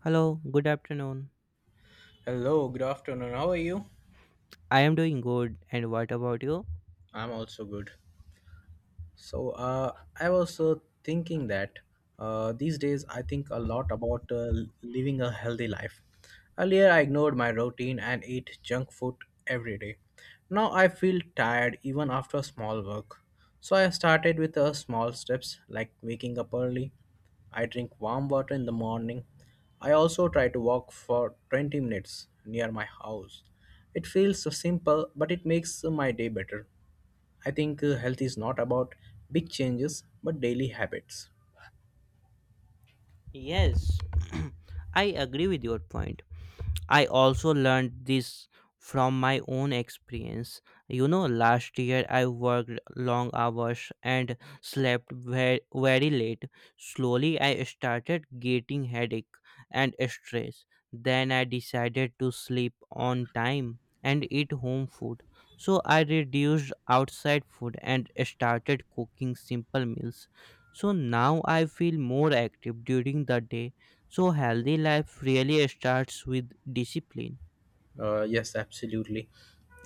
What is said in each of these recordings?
Hello, good afternoon. Hello, good afternoon. How are you? I am doing good, and what about you? I'm also good. So uh, I was thinking that these days I think a lot about living a healthy life. Earlier I ignored my routine and ate junk food every day. Now I feel tired even after small work. So I started with small steps like waking up early. I drink warm water in the morning. I also try to walk for 20 minutes near my house. It feels so simple, but it makes my day better. I think health is not about big changes, but daily habits. Yes, I agree with your point. I also learned this from my own experience. You know, last year I worked long hours and slept very, very late. Slowly, I started getting headache and stress. Then I decided to sleep on time and eat home food. So I reduced outside food and started cooking simple meals. So now I feel more active during the day, so healthy life really starts with discipline. Yes, absolutely.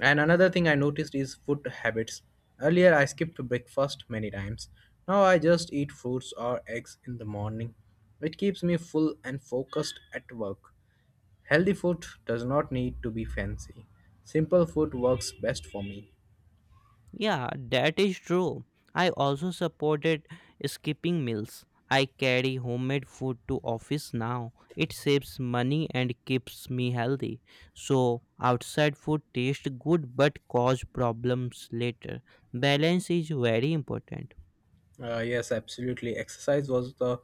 And another thing I noticed is food habits. Earlier, I skipped breakfast many times. Now, I just eat fruits or eggs in the morning. It keeps me full and focused at work. Healthy food does not need to be fancy. Simple food works best for me. Yeah, that is true. I also supported skipping meals. I carry homemade food to office now. It saves money and keeps me healthy. So, outside food tastes good but cause problems later. Balance is very important. Yes, absolutely. Exercise was the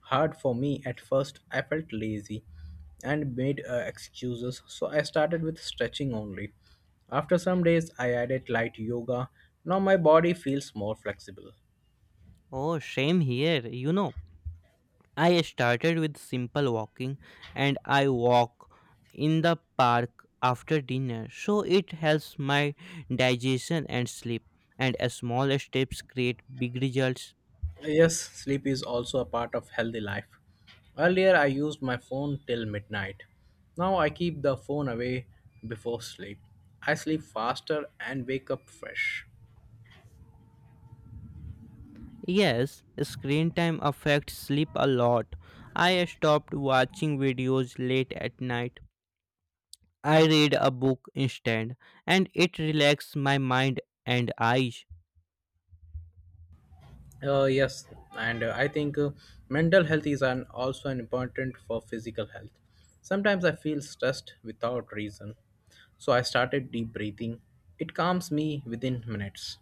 hard for me at first. I felt lazy and made excuses, so I started with stretching only. After some days, I added light yoga. Now my body feels more flexible. Oh, same here. You know, I started with simple walking and I walk in the park after dinner, so it helps my digestion and sleep, and small steps create big results. Yes, sleep is also a part of healthy life. Earlier, I used my phone till midnight. Now I keep the phone away before sleep. I sleep faster and wake up fresh. Yes, screen time affects sleep a lot. I stopped watching videos late at night. I read a book instead and it relaxes my mind and eyes. Yes, and I think mental health is also an important for physical health. Sometimes I feel stressed without reason, so I started deep breathing. It calms me within minutes.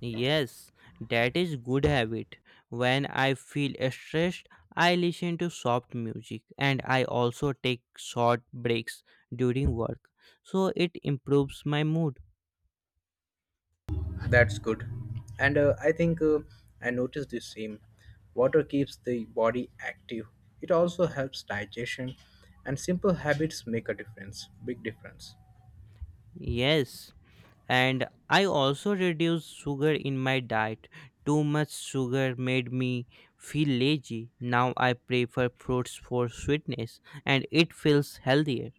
Yes, that is good habit. When I feel stressed, I listen to soft music and I also take short breaks during work. So it improves my mood. That's good, and I think I noticed the same. Water keeps the body active. It also helps digestion, and simple habits make a difference, big difference. Yes, and I also reduce sugar in my diet. Too much sugar made me feel lazy. Now I prefer fruits for sweetness and it feels healthier.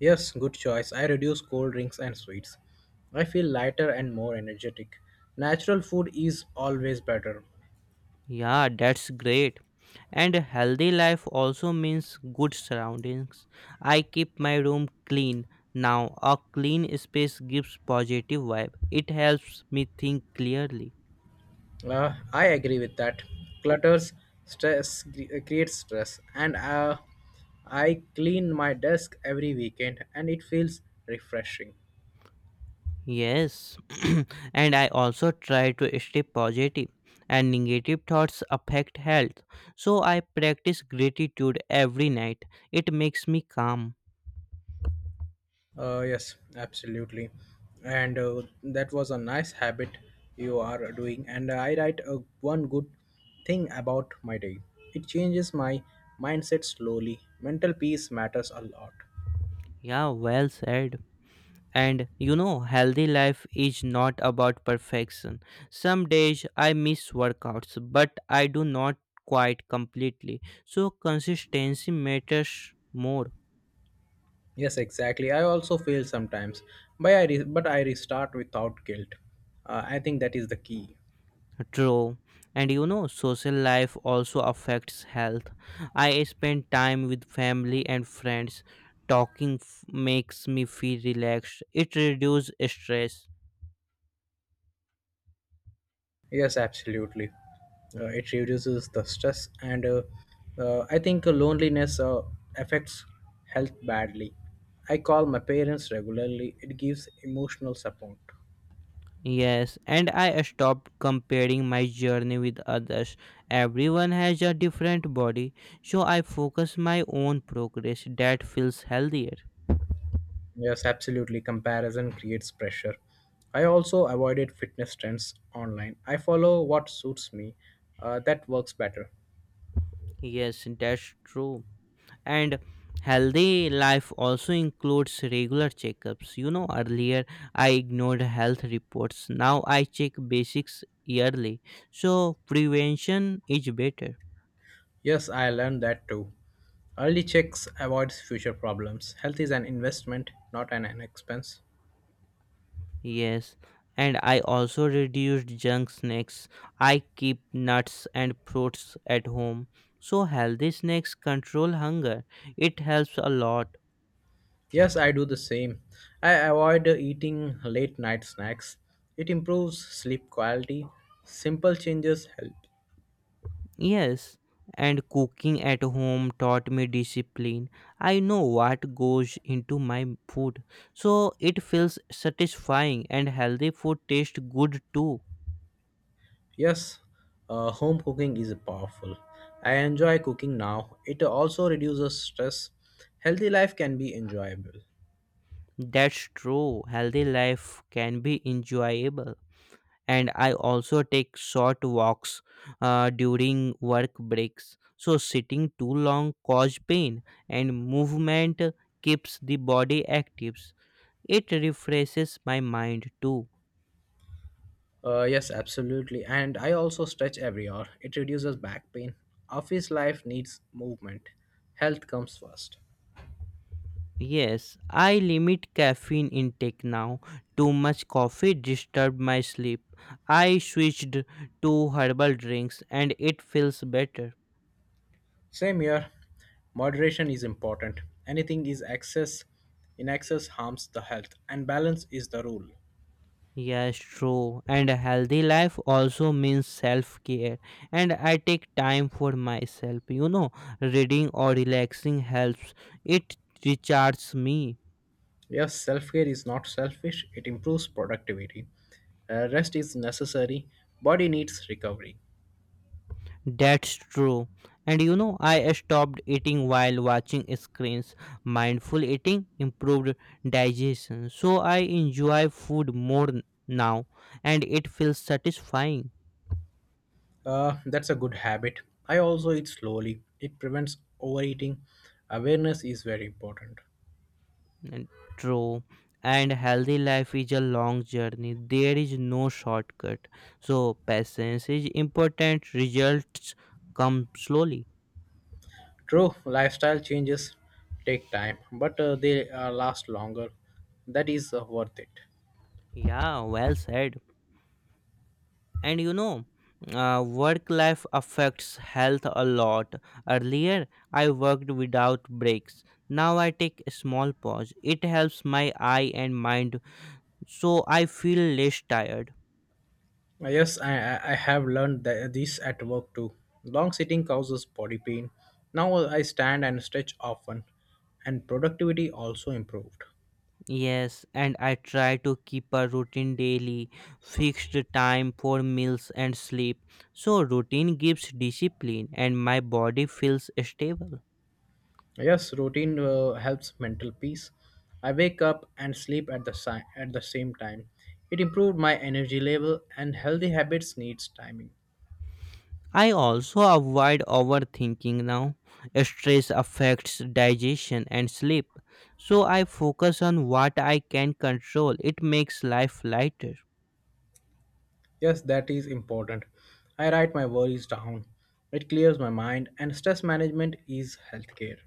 Yes, good choice. I reduce cold drinks and sweets. I feel lighter and more energetic. Natural food is always better. Yeah, that's great. And a healthy life also means good surroundings. I keep my room clean. Now, a clean space gives positive vibe. It helps me think clearly. I agree with that. Clutters creates stress, and I clean my desk every weekend, and it feels refreshing. Yes. And I also try to stay positive, and negative thoughts affect health. So I practice gratitude every night. It makes me calm. Yes, absolutely. And that was a nice habit you are doing. And I write one good thing about my day. It changes my mindset slowly. Mental peace matters a lot. Yeah, well said. And you know, healthy life is not about perfection. Some days I miss workouts, but I do not quite completely. So consistency matters more. Yes, exactly. I also fail sometimes, but I restart without guilt. I think that is the key. True. And you know, social life also affects health. I spend time with family and friends. Talking f- makes me feel relaxed. It reduces stress. Yes, absolutely. It reduces the stress, and I think loneliness affects health badly. I call my parents regularly, it gives emotional support. Yes, and I stopped comparing my journey with others. Everyone has a different body, so I focus my own progress. That feels healthier. Yes, absolutely. Comparison creates pressure. I also avoided fitness trends online. I follow what suits me, that works better. Yes, that's true. And healthy life also includes regular checkups. You know, earlier I ignored health reports. Now I check basics yearly. So prevention is better. Yes, I learned that too. Early checks avoids future problems. Health is an investment, not an expense. Yes, and I also reduced junk snacks. I keep nuts and fruits at home. So healthy snacks control hunger. It helps a lot. Yes, I do the same. I avoid eating late night snacks. It improves sleep quality. Simple changes help. Yes, and cooking at home taught me discipline. I know what goes into my food. So it feels satisfying and healthy food tastes good too. Yes, home cooking is powerful. I enjoy cooking now. It also reduces stress. Healthy life can be enjoyable. That's true. Healthy life can be enjoyable. And I also take short walks during work breaks. So sitting too long cause pain, and movement keeps the body active. It refreshes my mind too. Yes, absolutely. And I also stretch every hour. It reduces back pain. Office life needs movement. Health comes first. Yes, I limit caffeine intake now. Too much coffee disturbed my sleep. I switched to herbal drinks and it feels better. Same here. Moderation is important. Anything is excess In excess harms the health, and balance is the rule. Yes, true. And a healthy life also means self care. And I take time for myself. You know, reading or relaxing helps. It recharges me. Yes, self care is not selfish, it improves productivity. Rest is necessary, body needs recovery. That's true. And you know, I stopped eating while watching screens. Mindful eating improved digestion. So I enjoy food more now, and it feels satisfying. That's a good habit. I also eat slowly, it prevents overeating. Awareness is very important. And true. And healthy life is a long journey. There is no shortcut. So patience is important. Results come slowly. True, lifestyle changes take time, but they last longer. That is worth it. Yeah, well said. And you know, work life affects health a lot. Earlier, I worked without breaks. Now I take a small pause. It helps my eye and mind, so I feel less tired. Yes, I have learned that this at work too. Long sitting causes body pain. Now I stand and stretch often, and productivity also improved. Yes, and I try to keep a routine daily, fixed time for meals and sleep. So, routine gives discipline and my body feels stable. Yes, routine helps mental peace. I wake up and sleep at the same time. It improved my energy level, and healthy habits needs timing. I also avoid overthinking now. Stress affects digestion and sleep. So, I focus on what I can control. It makes life lighter. Yes, that is important. I write my worries down. It clears my mind, and stress management is healthcare.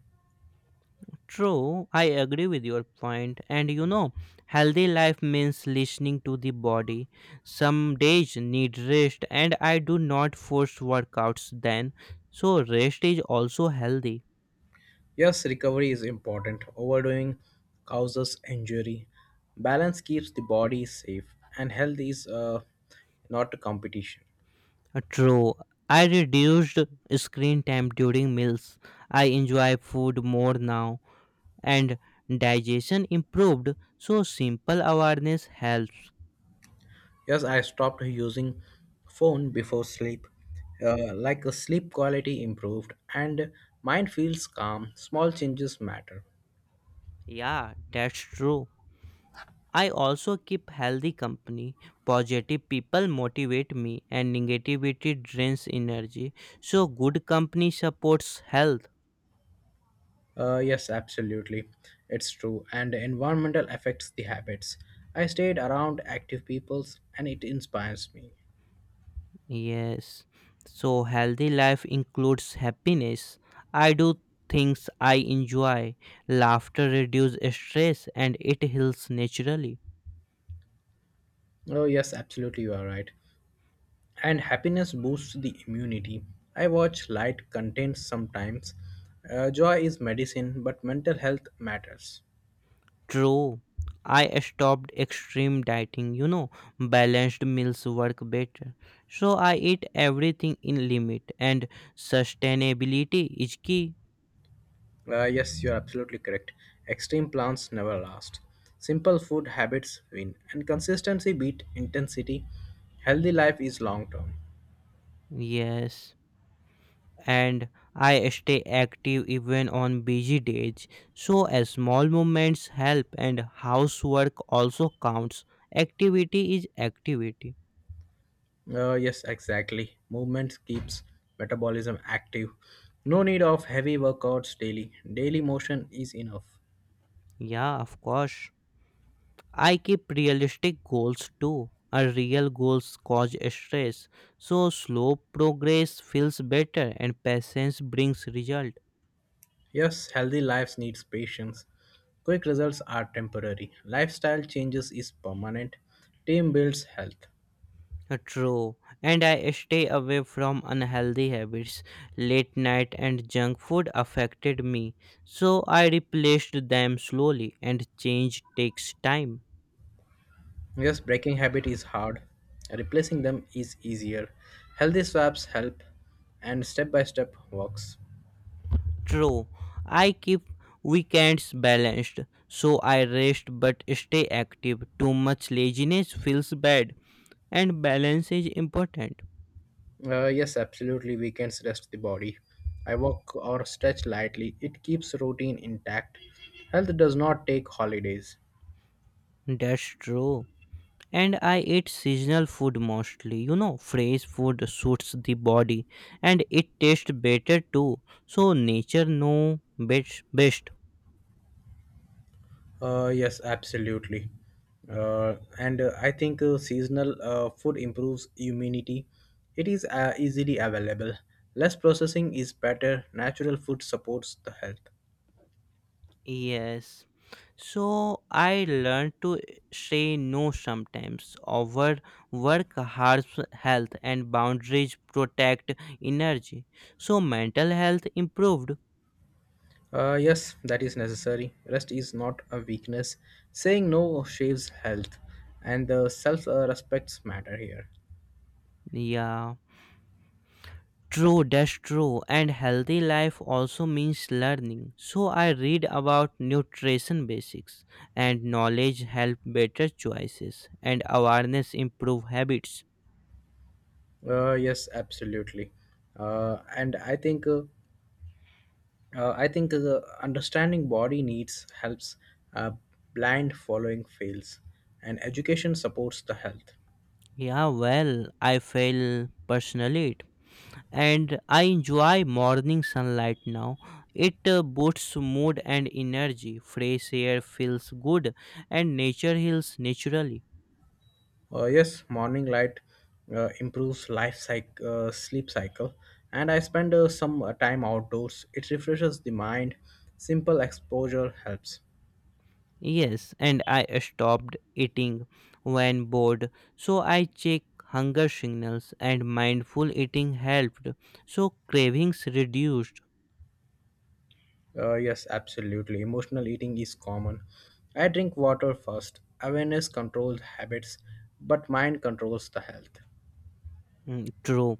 True, I agree with your point. And you know, healthy life means listening to the body. Some days need rest, and I do not force workouts then. So, rest is also healthy. Yes, recovery is important. Overdoing causes injury. Balance keeps the body safe, and health is not a competition. True, I reduced screen time during meals. I enjoy food more now, and digestion improved. So, simple awareness helps. Yes, I stopped using phone before sleep. Like a sleep quality improved, and mind feels calm. Small changes matter. Yeah, that's true. I also keep healthy company. Positive people motivate me and negativity drains energy. So good company supports health. Yes, absolutely, it's true. And environmental affects the habits. I stayed around active peoples, and it inspires me. Yes. So healthy life includes happiness. I do things I enjoy. Laughter reduces stress and it heals naturally. Oh yes, absolutely, you are right. And happiness boosts the immunity. I watch light content sometimes. Joy is medicine, but mental health matters. True. I stopped extreme dieting, you know, balanced meals work better. So I eat everything in limit and sustainability is key. Yes, you're absolutely correct. Extreme plans never last. Simple food habits win, and consistency beat intensity. Healthy life is long term. Yes. And I stay active even on busy days. So as small movements help and housework also counts. Activity is activity. Yes, exactly. Movement keeps metabolism active. No need of heavy workouts daily. Daily motion is enough. Yeah, of course. I keep realistic goals too. A real goals cause stress, so slow progress feels better and patience brings result. Yes, healthy lives needs patience. Quick results are temporary. Lifestyle changes is permanent. Team builds health. True, and I stay away from unhealthy habits. Late night and junk food affected me, so I replaced them slowly and change takes time. Yes, breaking habit is hard. Replacing them is easier. Healthy swaps help and step by step works. True, I keep weekends balanced, so I rest but stay active. Too much laziness feels bad and balance is important. Yes, absolutely. Weekends rest the body. I walk or stretch lightly. It keeps routine intact. Health does not take holidays. That's true. And I eat seasonal food mostly. You know, fresh food suits the body and it tastes better too. So nature know best. Yes, absolutely. And I think seasonal food improves immunity. It is easily available. Less processing is better. Natural food supports the health. Yes. So I learned to say no sometimes. Over work harms health and boundaries protect energy. So mental health improved. Yes, that is necessary. Rest is not a weakness. Saying no shaves health, and the self respects matter here. Yeah. True, that's true. And healthy life also means learning. So I read about nutrition basics and knowledge help better choices and awareness improve habits. Yes, absolutely. And I think understanding body needs helps uh, blind following fails, and education supports the health. Yeah, well, I feel personally it. And I enjoy morning sunlight now. It boosts mood and energy. Fresh air feels good and nature heals naturally. Yes, morning light improves sleep cycle, and I spend some time outdoors. It refreshes the mind. Simple exposure helps. Yes, and I stopped eating when bored. So I checked hunger signals and mindful eating helped. So cravings reduced. Yes, absolutely. Emotional eating is common. I drink water first. Awareness controls habits, but mind controls the health. Mm, true.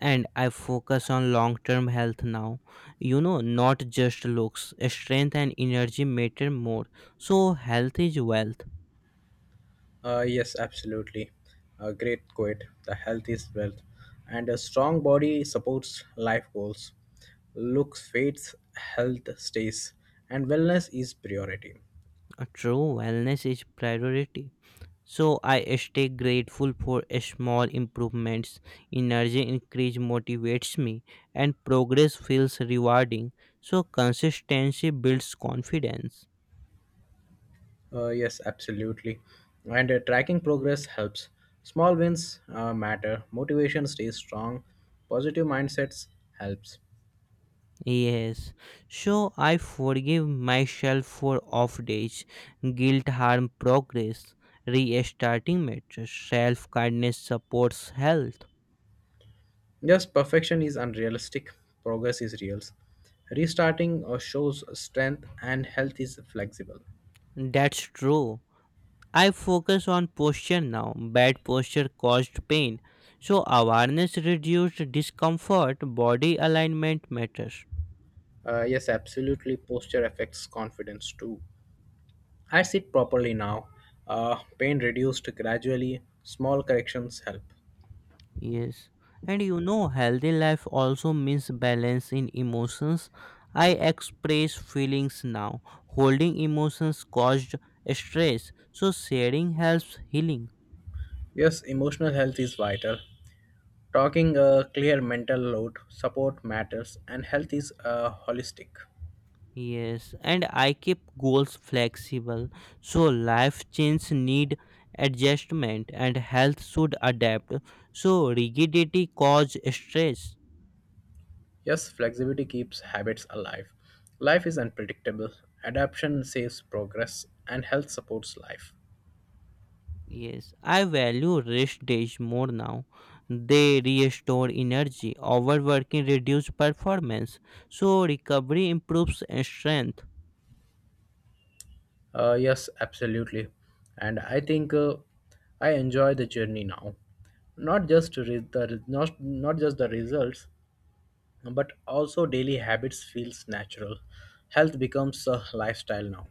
And I focus on long term health now. You know, not just looks. Strength and energy matter more. So health is wealth. Yes, absolutely. A great quote. The health is wealth, and a strong body supports life goals. Looks fades, health stays, and wellness is priority. True, wellness is priority. So I stay grateful for small improvements. Energy increase motivates me and progress feels rewarding. So consistency builds confidence. Yes, absolutely. And tracking progress helps. Small wins matter. Motivation stays strong. Positive mindsets helps. Yes. So I forgive myself for off days. Guilt harm progress. Restarting matters. Self kindness supports health. Yes, perfection is unrealistic. Progress is real. Restarting shows strength, and health is flexible. That's true. I focus on posture now. Bad posture caused pain. So awareness reduced discomfort, body alignment matters. Yes, absolutely. Posture affects confidence too. I sit properly now. Pain reduced gradually. Small corrections help. Yes. And you know, healthy life also means balance in emotions. I express feelings now. Holding emotions caused stress. So sharing helps healing. Yes, emotional health is vital. Talking a clear mental load, support matters, and health is holistic. Yes, and I keep goals flexible, so life changes need adjustment and health should adapt. So rigidity cause stress. Yes, flexibility keeps habits alive. Life is unpredictable. Adaptation saves progress, and health supports life. Yes, I value rest days more now. They restore energy. Overworking reduce performance. So recovery improves strength. Yes, absolutely. And I enjoy the journey now. Not just re- the re- Not, not just the results, but also daily habits feels natural. Health becomes a lifestyle now.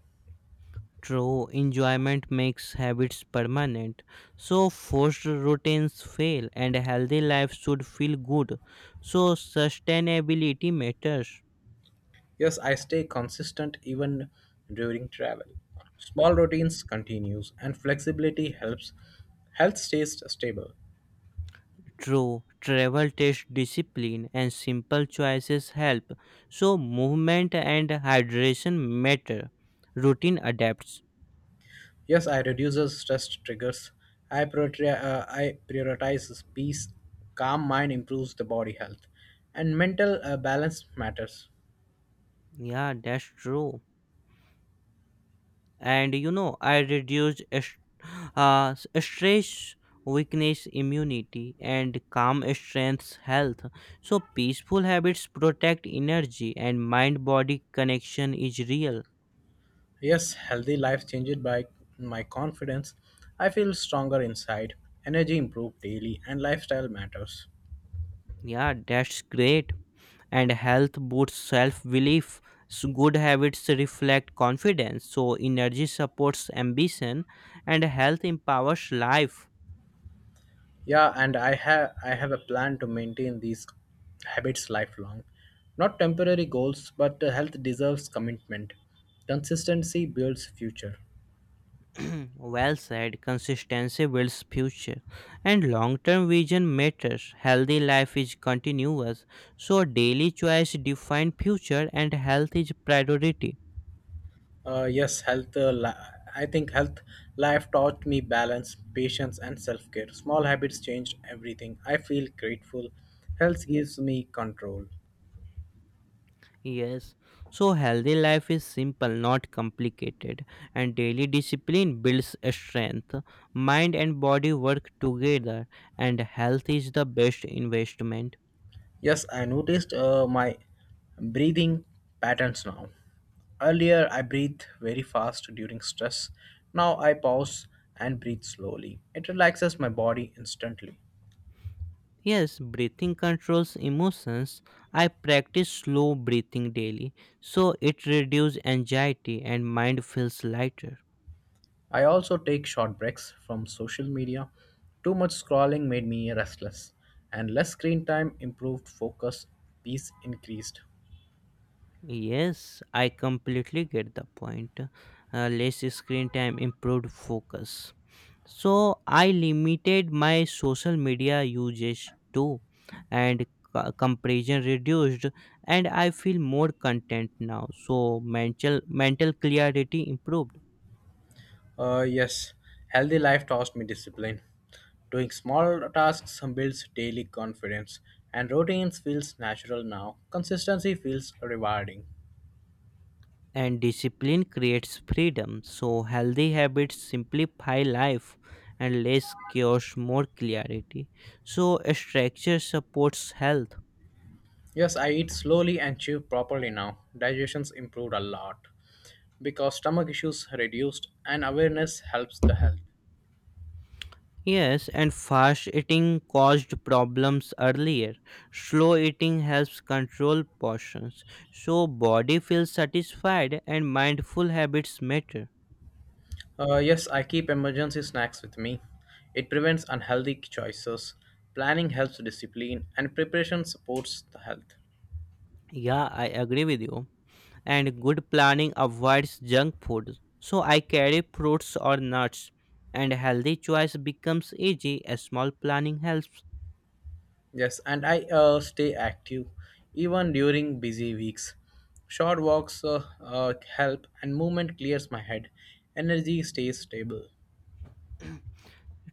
True, enjoyment makes habits permanent. So, forced routines fail, and a healthy life should feel good. So, sustainability matters. Yes, I stay consistent even during travel. Small routines continues and flexibility helps health stays stable. True, travel takes discipline, and simple choices help. So, movement and hydration matter. Routine adapts. Yes, I reduces stress triggers. I prioritize peace. Calm mind improves the body health, and mental balance matters. Yeah, that's true. And you know, I reduced uh, stress weakness immunity, and calm strengths health, so peaceful habits protect energy, and mind body connection is real. Yes, healthy life changed by my confidence. I feel stronger inside. Energy improved daily, and lifestyle matters. Yeah, that's great. And health boosts self belief, good habits reflect confidence, so energy supports ambition and health empowers life. Yeah, and I have a plan to maintain these habits lifelong. Not temporary goals, but health deserves commitment. Consistency builds future. Well said. Consistency builds future, and long-term vision matters. Healthy life is continuous, so daily choice define future, and health is priority. Uh, yes, health. Uh, li- I think health life taught me balance, patience, and self care. Small habits changed everything. I feel grateful. Health gives me control. Yes, so healthy life is simple, not complicated, and daily discipline builds strength. Mind and body work together, and health is the best investment. Yes, I noticed my breathing patterns now. Earlier, I breathed very fast during stress. Now, I pause and breathe slowly. It relaxes my body instantly. Yes, breathing controls emotions. I practice slow breathing daily, so it reduces anxiety and mind feels lighter. I also take short breaks from social media. Too much scrolling made me restless, and less screen time improved focus, peace increased. Yes, I completely get the point. Less screen time, improved focus. So I limited my social media usage too, and comparison reduced, and I feel more content now. So mental clarity improved. Yes, healthy life taught me discipline. Doing small tasks builds daily confidence, and routines feels natural now. Consistency feels rewarding. And discipline creates freedom. So, healthy habits simplify life and less chaos, more clarity. So, structure supports health. Yes, I eat slowly and chew properly now. Digestion's improved a lot because stomach issues reduced and awareness helps the health. Yes, and fast eating caused problems earlier. Slow eating helps control portions. So, body feels satisfied and mindful habits matter. Yes, I keep emergency snacks with me. It prevents unhealthy choices. Planning helps discipline, and preparation supports the health. Yeah, I agree with you. And good planning avoids junk food. So I carry fruits or nuts and healthy choice becomes easy as small planning helps. Yes, and I stay active even during busy weeks. Short walks help, and movement clears my head. Energy stays stable.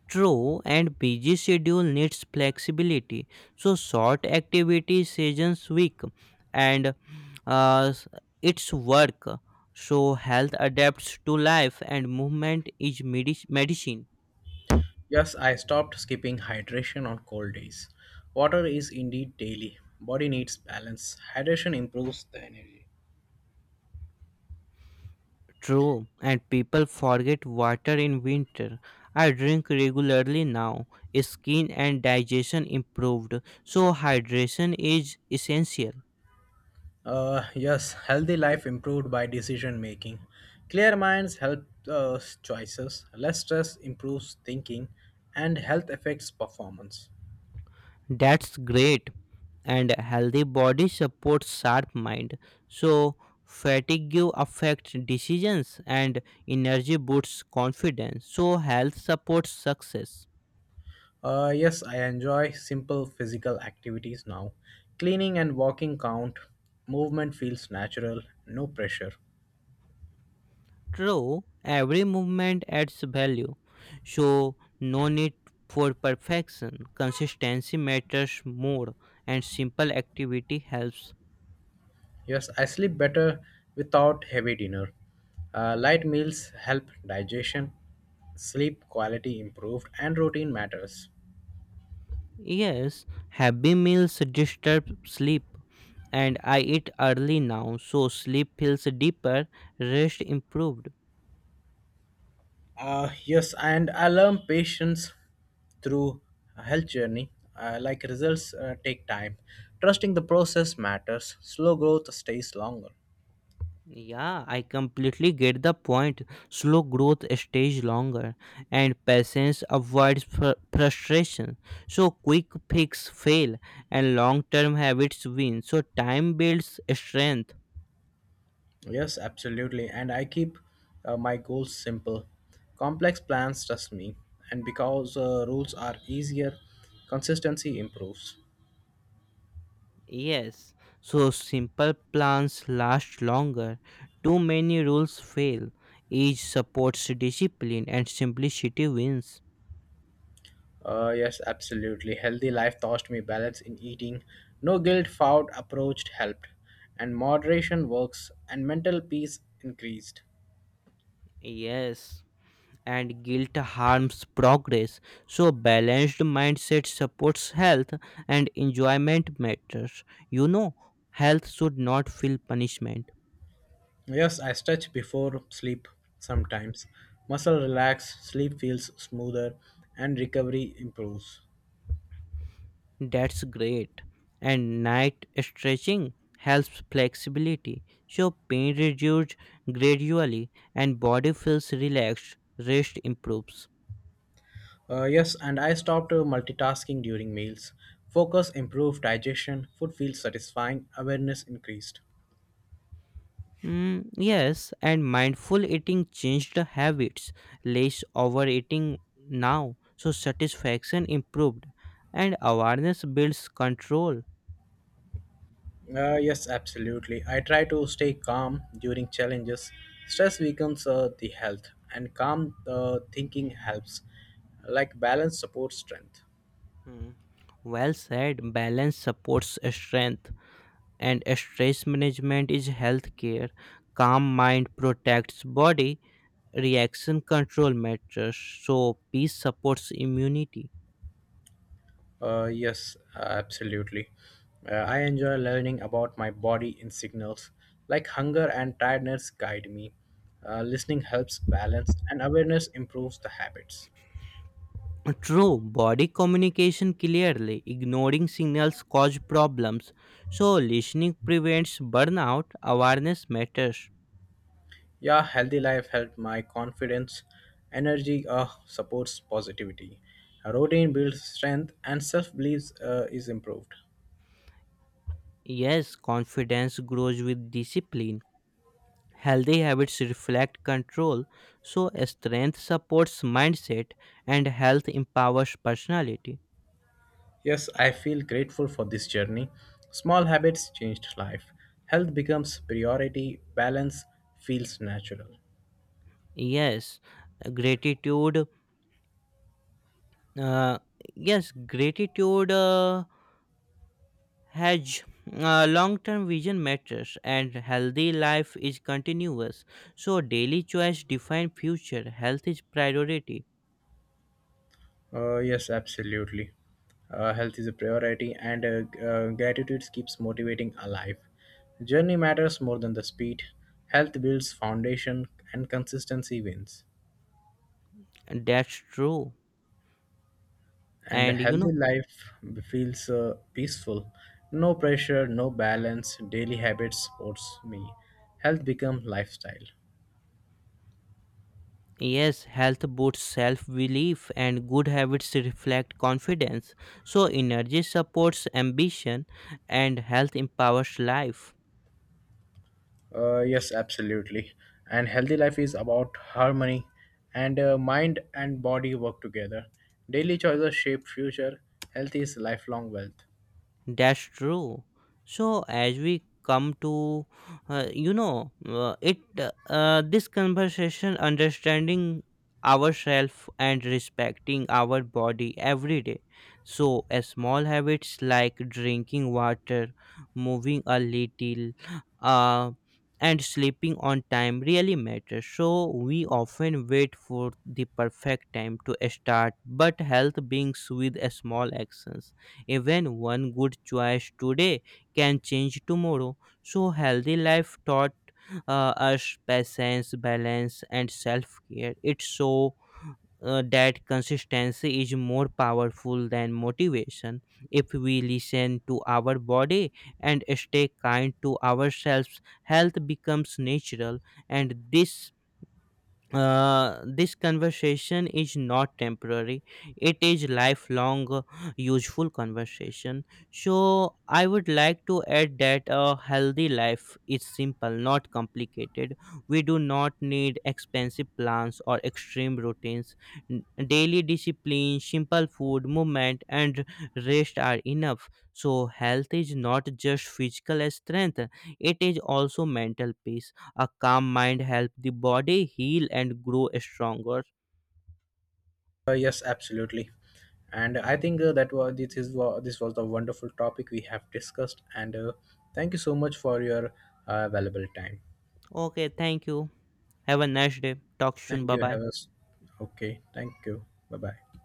True, and busy schedule needs flexibility. So short activity seasons week, and uh, its work. So health adapts to life and movement is medicine. Yes, I stopped skipping hydration on cold days. Water is indeed daily. Body needs balance. Hydration improves the energy. True, and people forget water in winter. I drink regularly now. Skin and digestion improved, so hydration is essential. Yes, healthy life improved by decision making. Clear minds help us choices. Less stress improves thinking, and health affects performance. That's great. And healthy body supports sharp mind. So fatigue affects decisions and energy boosts confidence. So health supports success. Yes, I enjoy simple physical activities now. Cleaning and walking count. Movement feels natural, no pressure. True, every movement adds value, so no need for perfection. Consistency matters more, and simple activity helps. Yes, I sleep better without heavy dinner. Light meals help digestion. Sleep quality improved, and routine matters. Yes, heavy meals disturb sleep, and I eat early now, so sleep feels deeper, rest improved. Yes, and I learn patience through a health journey. Like results take time. Trusting the process matters. Slow growth stays longer. Yeah, I completely get the point. Slow growth stays longer and patience avoids frustration. So quick fix fail and long-term habits win. So time builds strength. Yes, absolutely. And I keep my goals simple. Complex plans trust me. And because rules are easier, consistency improves. Yes. So simple plans last longer. Too many rules fail. Each supports discipline and simplicity wins. Yes, absolutely. Healthy life taught me balance in eating. No guilt found approached helped. And moderation works and mental peace increased. Yes. And guilt harms progress. So, balanced mindset supports health and enjoyment matters. You know, health should not feel punishment. Yes, I stretch before sleep sometimes. Muscle relax, sleep feels smoother, and recovery improves. That's great. And night stretching helps flexibility. So, pain reduces gradually and body feels relaxed. Rest improves. Yes, and I stopped multitasking during meals. Focus improved digestion, food feels satisfying, awareness increased. Mm, yes, and mindful eating changed the habits. Less overeating now, so satisfaction improved, and awareness builds control. Yes, absolutely. I try to stay calm during challenges. Stress weakens the health, and calm thinking helps. Like balance supports strength. Mm. Well said. Balance supports strength, and stress management is health care. Calm mind protects body. Reaction control matters, so peace supports immunity. Yes, absolutely. I enjoy learning about my body in signals, like hunger and tiredness guide me. Listening helps balance, and awareness improves the habits. True, body communication clearly. Ignoring signals cause problems. So, listening prevents burnout. Awareness matters. Yeah, healthy life helps my confidence, energy supports positivity. A routine builds strength, and self belief is improved. Yes, confidence grows with discipline. Healthy habits reflect control. So, strength supports mindset and health empowers personality. Yes, I feel grateful for this journey. Small habits changed life. Health becomes priority, balance feels natural. Yes, gratitude. Uh, yes, gratitude. Hedge Long-term vision matters and healthy life is continuous, so daily choice define future, health is priority. Yes, absolutely. Health is a priority, and gratitude keeps motivating alive. Journey matters more than the speed. Health builds foundation, and consistency wins. That's true. And a And you healthy know, life feels peaceful. No pressure, no balance. Daily habits supports me. Health becomes lifestyle. yes, health boosts self-belief and good habits reflect confidence, so energy supports ambition and health empowers life. Yes, absolutely. And healthy life is about harmony and mind and body work together. Daily choices shape future. Health is lifelong wealth. That's true. So as we come to, you know, it this conversation, understanding ourselves and respecting our body every day. So a small habits like drinking water, moving a little, uh, and sleeping on time really matter. So we often wait for the perfect time to start, but health begins with a small actions, even one good choice today can change tomorrow. So, healthy life taught us patience, balance, and self care. It's so that consistency is more powerful than motivation. If we listen to our body and stay kind to ourselves, health becomes natural, and this conversation is not temporary, it is lifelong useful conversation. So I would like to add that a healthy life is simple, not complicated. We do not need expensive plans or extreme routines. Daily discipline, simple food, movement, and rest are enough. So health is not just physical strength, it is also mental peace. A calm mind helps the body heal and grow stronger. Yes, absolutely. And I think that was this is wa- This was the wonderful topic we have discussed. And thank you so much for your valuable time. Okay, thank you. Have a nice day. Talk soon. Thank Bye you. bye. Have us Okay. Thank you. Bye bye.